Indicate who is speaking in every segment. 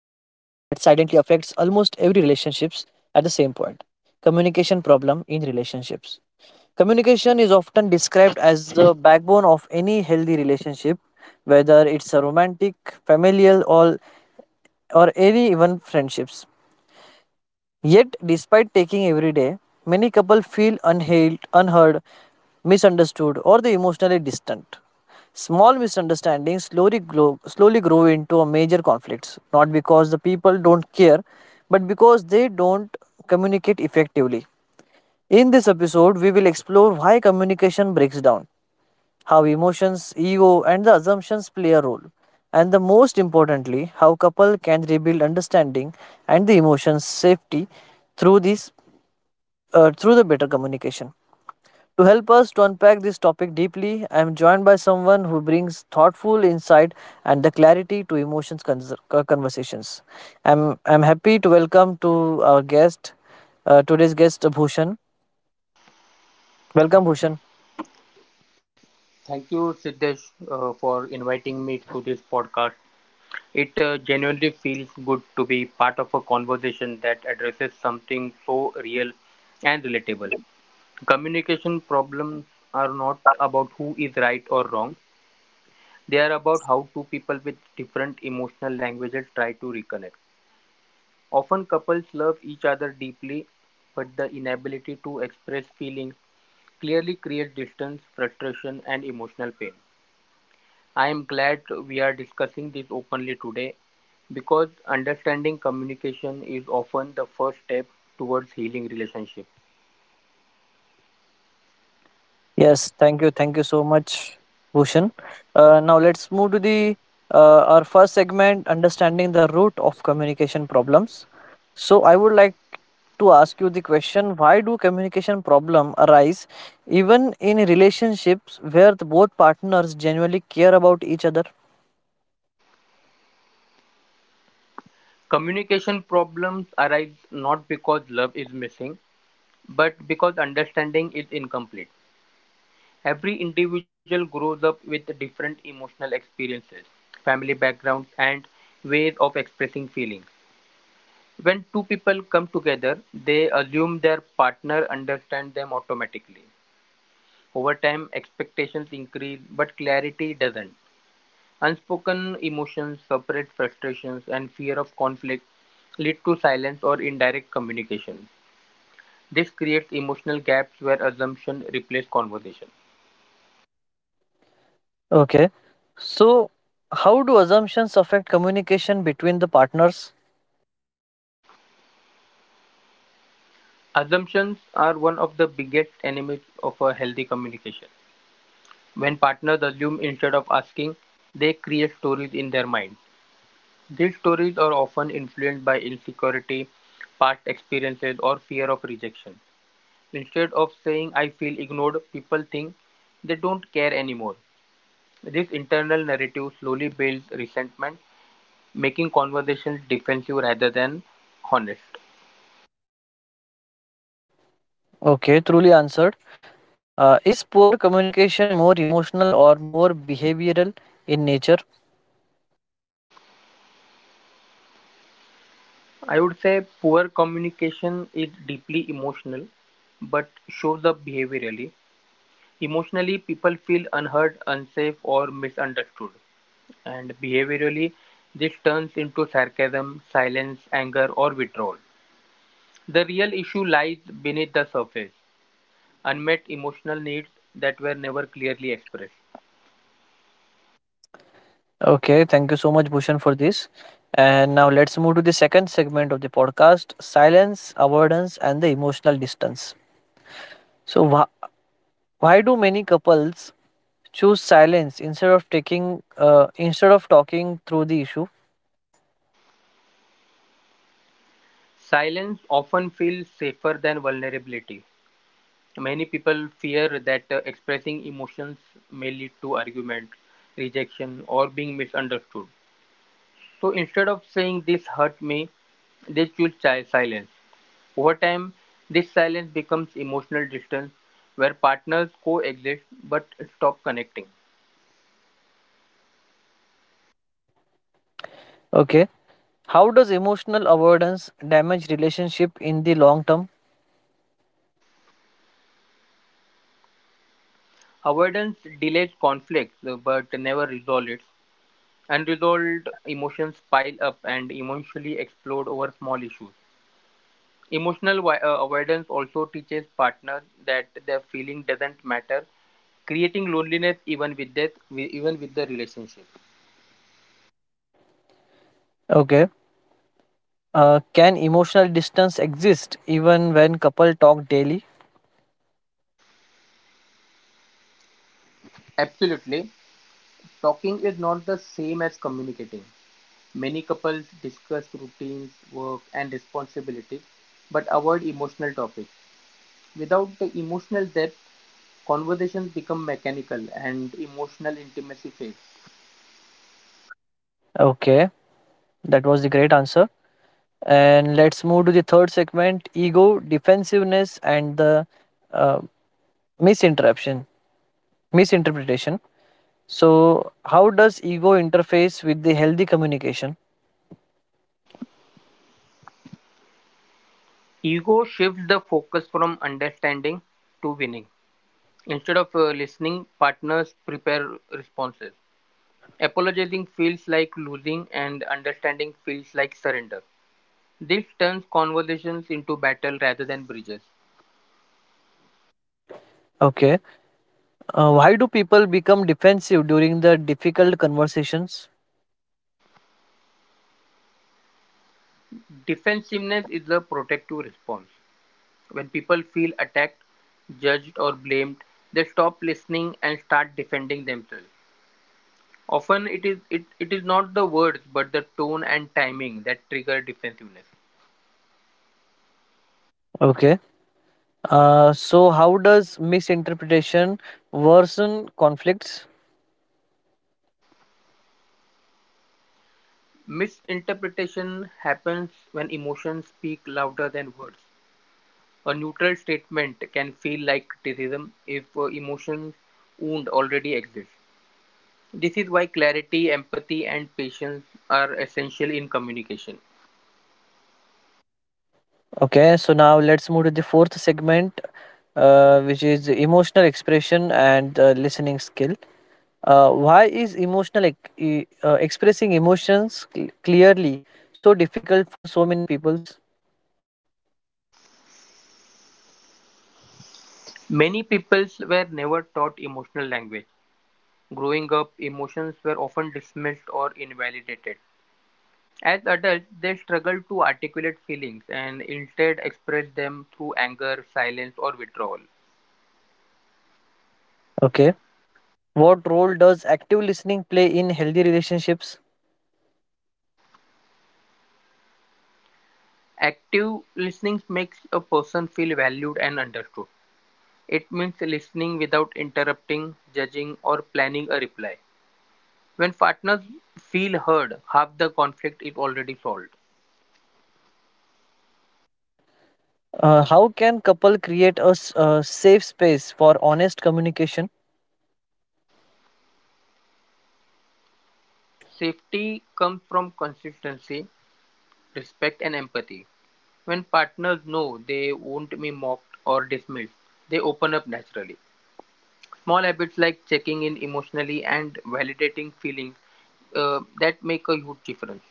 Speaker 1: affects almost every relationships at the same point: communication problem in relationships. Communication is often described as the backbone of any healthy relationship, whether it's a romantic, familial, or any even friendships. Yet, despite taking every day, many couples feel unhailed, unheard, misunderstood, or they emotionally distant. Small misunderstandings slowly grow into a major conflicts, not because the people don't care, but because they don't communicate effectively. In this episode, we will explore why communication breaks down, how emotions, ego, and the assumptions play a role, and the most importantly, how couple can rebuild understanding and the emotions safety through this through the better communication. To help us to unpack this topic deeply, I am joined by someone who brings thoughtful insight and the clarity to conversations. I'm happy to welcome to our guest today's guest Bhushan. Welcome, Bhushan.
Speaker 2: Thank you, Siddesh, for inviting me to this podcast. It genuinely feels good to be part of a conversation that addresses something so real and relatable. Communication problems are not about who is right or wrong, they are about how two people with different emotional languages try to reconnect. Often, couples love each other deeply, but the inability to express feelings clearly creates distance, frustration, and emotional pain. I am glad we are discussing this openly today because understanding communication is often the first step towards healing relationships.
Speaker 1: Yes, thank you so much, Bhushan. Now let's move to the our first segment, understanding the root of communication problems. So I would like to ask you the question: Why do communication problem arise even in relationships where the both partners genuinely care about each other?
Speaker 2: Communication problems arise not because love is missing, but because understanding is incomplete. Every individual grows up with different emotional experiences, family backgrounds, and ways of expressing feelings. When two people come together, they assume their partner understands them automatically. Over time, expectations increase, but clarity doesn't. Unspoken emotions, separate frustrations, and fear of conflict lead to silence or indirect communication. This creates emotional gaps where assumption replaces conversation.
Speaker 1: Okay, so how do assumptions affect communication between the partners?
Speaker 2: Assumptions are one of the biggest enemies of a healthy communication. When partners assume instead of asking, they create stories in their mind. These stories are often influenced by insecurity, past experiences, or fear of rejection. Instead of saying I feel ignored, people think they don't care anymore. This internal narrative slowly builds resentment, making conversations defensive rather than honest.
Speaker 1: Okay, truly answered. Is poor communication more emotional or more behavioral in nature?
Speaker 2: I would say poor communication is deeply emotional but shows up behaviorally. Emotionally, people feel unheard, unsafe, or misunderstood. And behaviorally, this turns into sarcasm, silence, anger, or withdrawal. The real issue lies beneath the surface. Unmet emotional needs that were never clearly expressed.
Speaker 1: Okay, thank you so much, Bhushan, for this. And now let's move to the second segment of the podcast silence, avoidance, and the emotional distance. So, why do many couples choose silence instead of taking instead of talking through the issue?
Speaker 2: Silence often feels safer than vulnerability. Many people fear that expressing emotions may lead to argument, rejection, or being misunderstood. So instead of saying this hurt me, they choose silence. Over time, this silence becomes emotional distance where partners coexist but stop connecting.
Speaker 1: Okay, how does emotional avoidance damage relationship in the long term?
Speaker 2: Avoidance delays conflicts but never resolves it. Unresolved emotions pile up and emotionally explode over small issues. Avoidance also teaches partners that their feeling doesn't matter, creating loneliness even even with the relationship.
Speaker 1: Okay, can emotional distance exist even when couple talk daily?
Speaker 2: Absolutely, talking is not the same as communicating. Many couples discuss routines, work, and responsibilities, but avoid emotional topics. Without the emotional depth, conversations become mechanical and emotional intimacy fades.
Speaker 1: Okay, that was the great answer. And let's move to the third segment ego, defensiveness, and the uh, misinterruption, misinterpretation. So, how does ego interface with the healthy communication?
Speaker 2: Ego shifts the focus from understanding to winning. Instead of listening, partners prepare responses. Apologizing feels like losing, and understanding feels like surrender. This turns conversations into battle rather than bridges.
Speaker 1: Okay, why do people become defensive during the difficult conversations?
Speaker 2: Defensiveness is a protective response. When people feel attacked, judged, or blamed, they stop listening and start defending themselves. Often it is not the words but the tone and timing that trigger defensiveness.
Speaker 1: Okay, so how does misinterpretation worsen conflicts?
Speaker 2: Misinterpretation happens when emotions speak louder than words. A neutral statement can feel like criticism if emotions wound already exist. This is why clarity, empathy, and patience are essential in communication.
Speaker 1: Okay, so now let's move to the fourth segment, which is emotional expression and listening skill. Why is expressing clearly so difficult for so many peoples?
Speaker 2: Many peoples were never taught emotional language. Growing up, emotions were often dismissed or invalidated. As adults, they struggle to articulate feelings and instead express them through anger, silence, or withdrawal.
Speaker 1: Okay, what role does active listening play in healthy relationships?
Speaker 2: Active listening makes a person feel valued and understood. It means listening without interrupting, judging, or planning a reply. When partners feel heard, half the conflict is already solved.
Speaker 1: How can couple create a safe space for honest communication?
Speaker 2: Safety comes from consistency, respect, and empathy. When partners know they won't be mocked or dismissed, they open up naturally. Small habits like checking in emotionally and validating feelings that make a huge difference.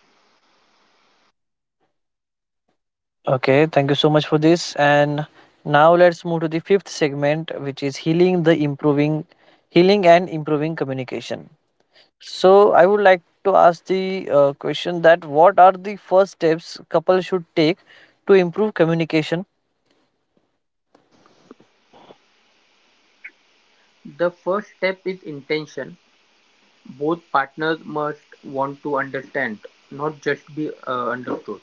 Speaker 1: Okay, thank you so much for this. And now let's move to the fifth segment, which is healing and improving communication. So I would like to ask the question that what are the first steps couple should take to improve communication?
Speaker 2: The first step is intention. Both partners must want to understand, not just be understood.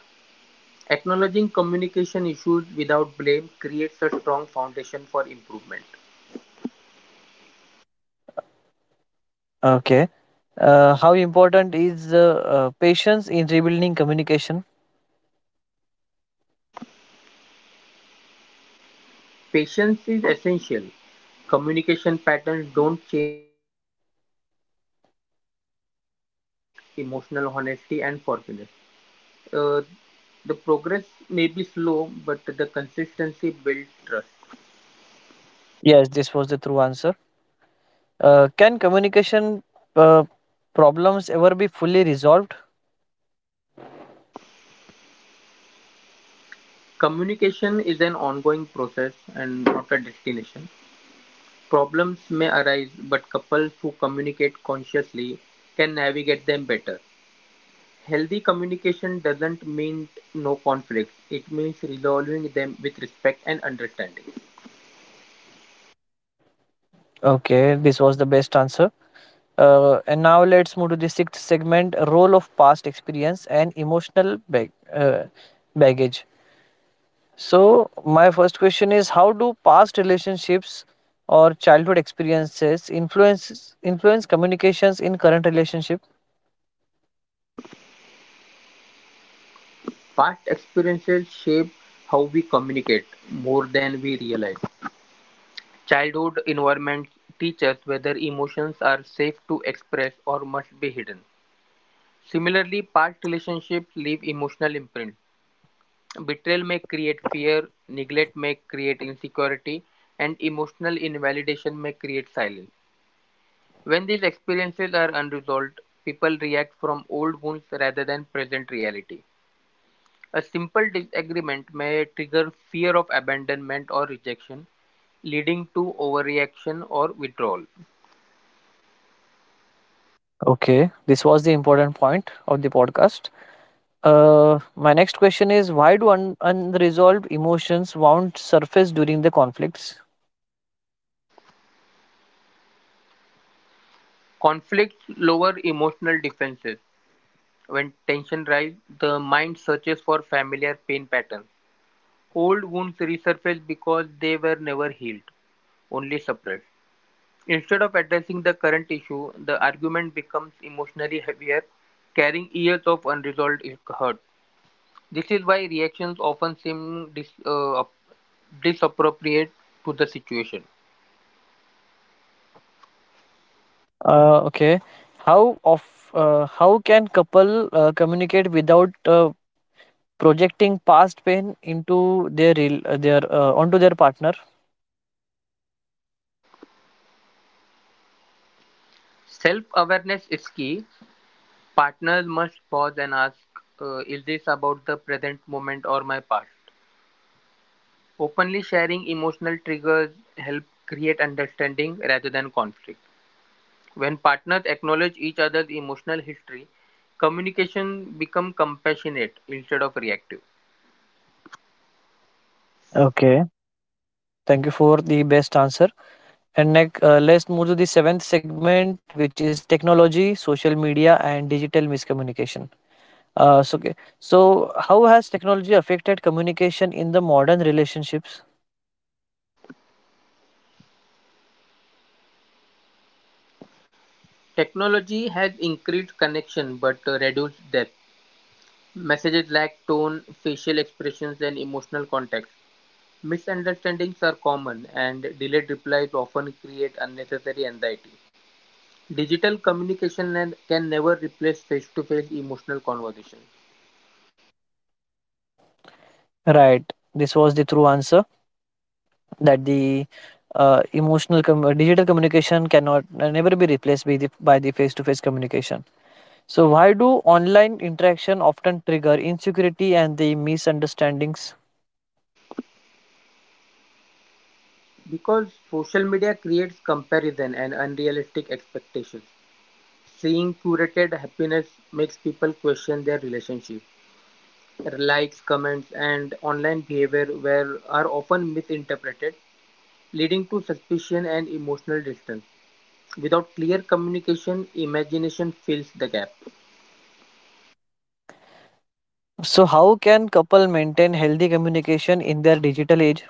Speaker 2: Acknowledging communication issues without blame creates a strong foundation for improvement.
Speaker 1: Okay, how important is patience in rebuilding communication?
Speaker 2: Patience is essential. Communication patterns don't change overnight. Healing requires repeated effort, emotional honesty, and forgiveness. Uh, the progress may be slow, but the consistency builds trust.
Speaker 1: Yes, this was the true answer. Can communication uh, problems ever be fully resolved?
Speaker 2: Communication is an ongoing process and not a destination. Problems may arise, but couples who communicate consciously can navigate them better. Healthy communication doesn't mean no conflicts, it means resolving them with respect and understanding.
Speaker 1: Okay, this was the best answer. And now let's move to the sixth segment role of past experience and emotional baggage. So, my first question is how do past relationships or childhood experiences influence communications in current relationship?
Speaker 2: Past experiences shape how we communicate more than we realize. Childhood environments teach us whether emotions are safe to express or must be hidden. Similarly, past relationships leave emotional imprint. Betrayal may create fear, neglect may create insecurity, and emotional invalidation may create silence. When these experiences are unresolved, people react from old wounds rather than present reality. A simple disagreement may trigger fear of abandonment or rejection, leading to overreaction or withdrawal.
Speaker 1: Okay, this was the important point of the podcast. My next question is why do unresolved emotions wound surface during the conflicts?
Speaker 2: Conflicts lower emotional defenses. When tension rises, the mind searches for familiar pain patterns. Old wounds resurfaced because they were never healed, only suppressed. Instead of addressing the current issue, the argument becomes emotionally heavier, carrying years of unresolved hurt. This is why reactions often seem disappropriate to the situation.
Speaker 1: Okay. How can couple communicate without projecting past pain into their real their onto their partner?
Speaker 2: Self awareness is key. Partners must pause and ask Is this about the present moment or my past? Openly sharing emotional triggers help create understanding rather than conflict. When partners acknowledge each other's emotional history, communication becomes compassionate instead of reactive.
Speaker 1: Okay. Thank you for the best answer. And next, let's move to the seventh segment, which is technology, social media, and digital miscommunication. So, okay. So, how has technology affected communication in the modern relationships?
Speaker 2: Technology has increased connection but reduced depth. Messages lack tone, facial expressions, and emotional context. Misunderstandings are common, and delayed replies often create unnecessary anxiety. Digital communication can never replace face to face emotional conversations
Speaker 1: Right. This was the true answer, that the digital communication cannot never be replaced by the face to face communication. So why do online interaction often trigger insecurity and the misunderstandings?
Speaker 2: because social media creates comparison and unrealistic expectations. Seeing curated happiness makes people question their relationship. Likes, comments, and online behavior are often misinterpreted, leading to suspicion and emotional distance. Without clear communication, imagination fills the gap.
Speaker 1: So how can couple maintain healthy communication in their digital age?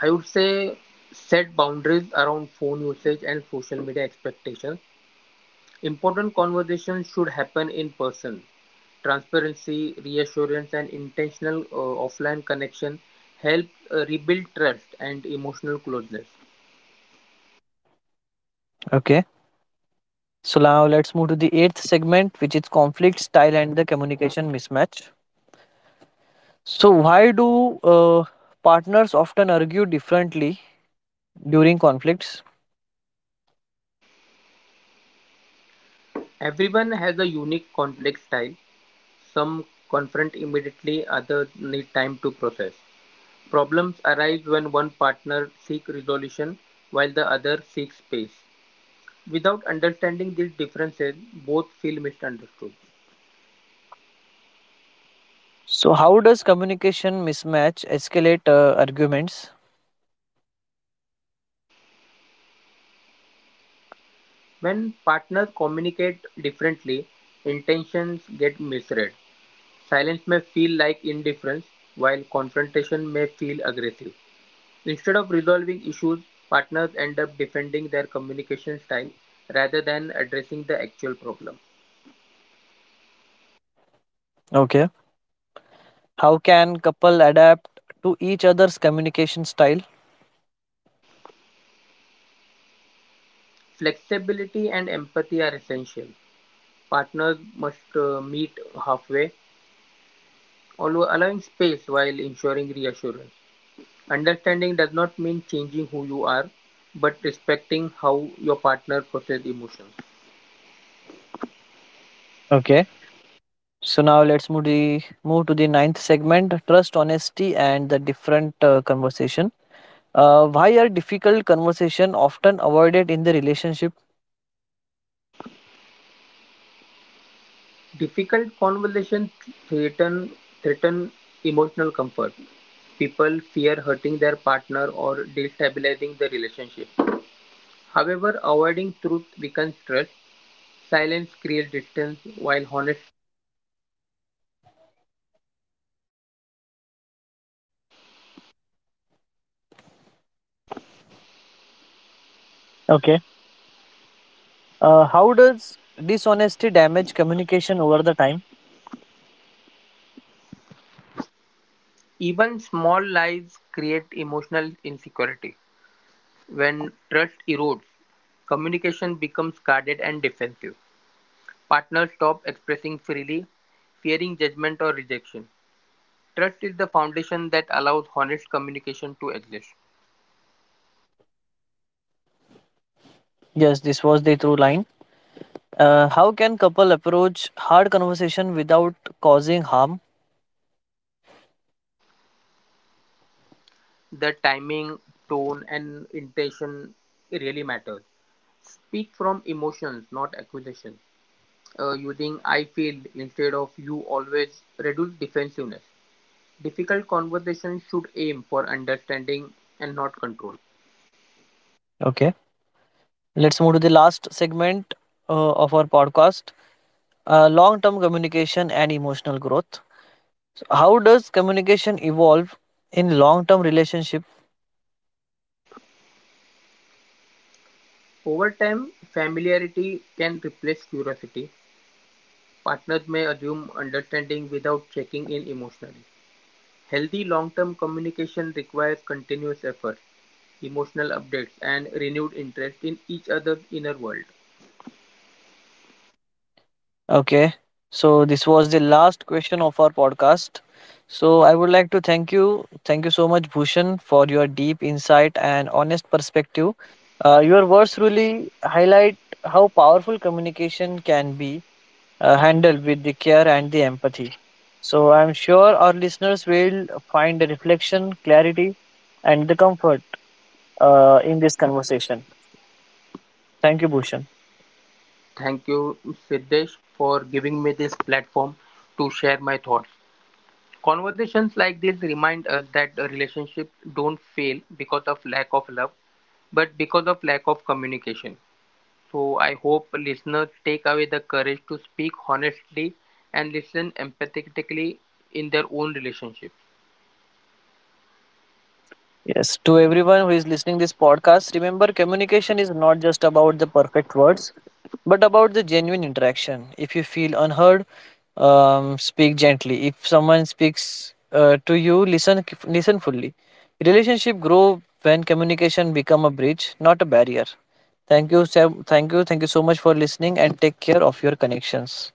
Speaker 2: I would say set boundaries around phone usage and social media expectations. Important conversations should happen in person. Transparency, reassurance, and intentional offline connection help rebuild trust and emotional closeness.
Speaker 1: Okay, so now let's move to the eighth segment, which is conflict style and the communication mismatch. So why do uh, partners often argue differently during conflicts?
Speaker 2: Everyone has a unique conflict style. Some confront immediately, others need time to process. Problems arise when one partner seeks resolution while the other seeks space. Without understanding these differences, both feel misunderstood.
Speaker 1: So, how does communication mismatch escalate arguments?
Speaker 2: When partners communicate differently, intentions get misread. Silence may feel like indifference, while confrontation may feel aggressive. Instead of resolving issues, partners end up defending their communication style rather than addressing the actual problem.
Speaker 1: Okay. How can couple adapt to each other's communication style?
Speaker 2: Flexibility and empathy are essential. Partners must meet halfway, although allowing space while ensuring reassurance. Understanding does not mean changing who you are, but respecting how your partner processes emotions.
Speaker 1: Okay. So now let's move to the ninth segment: trust, honesty, and the different conversation. Why are difficult conversation often avoided in the relationship?
Speaker 2: Difficult conversations threaten, threaten emotional comfort. People fear hurting their partner or destabilizing the relationship. However, avoiding truth weakens trust. Silence creates distance, while honest.
Speaker 1: Okay. How does dishonesty damage communication over the time?
Speaker 2: Even small lies create emotional insecurity. When trust erodes, communication becomes guarded and defensive. Partners stop expressing freely, fearing judgment or rejection. Trust is the foundation that allows honest communication to exist.
Speaker 1: Yes, this was the through line. How can couple approach hard conversation without causing harm?
Speaker 2: The timing, tone, and intention really matters. Speak from emotions, not accusations. Using I feel instead of you always reduce defensiveness. Difficult conversations should aim for understanding and not control.
Speaker 1: Okay. Let's move to the last segment of our podcast, long term communication and emotional growth. So how does communication evolve in long term relationship?
Speaker 2: Over time, familiarity can replace curiosity, Partners may assume understanding without checking in emotionally. Healthy long-term communication requires continuous effort, emotional updates, and renewed interest in each other's inner world.
Speaker 1: Okay. So, this was the last question of our podcast. So, I would like to thank you. Thank you so much, Bhushan, for your deep insight and honest perspective. Your words really highlight how powerful communication can be handled with the care and the empathy. So I'm sure our listeners will find the reflection, clarity, and the comfort in this conversation. Thank you, Bhushan.
Speaker 2: Thank you, Siddesh, for giving me this platform to share my thoughts. Conversations like this remind us that relationships don't fail because of lack of love, but because of lack of communication. So I hope listeners take away the courage to speak honestly and listen empathetically in their own relationship.
Speaker 1: Yes, to everyone who is listening this podcast, remember communication is not just about the perfect words, but about the genuine interaction. If you feel unheard, speak gently. If someone speaks to you, listen fully. Relationship grow when communication become a bridge, not a barrier. Thank you, Sam. Thank you. Thank you so much for listening and take care of your connections.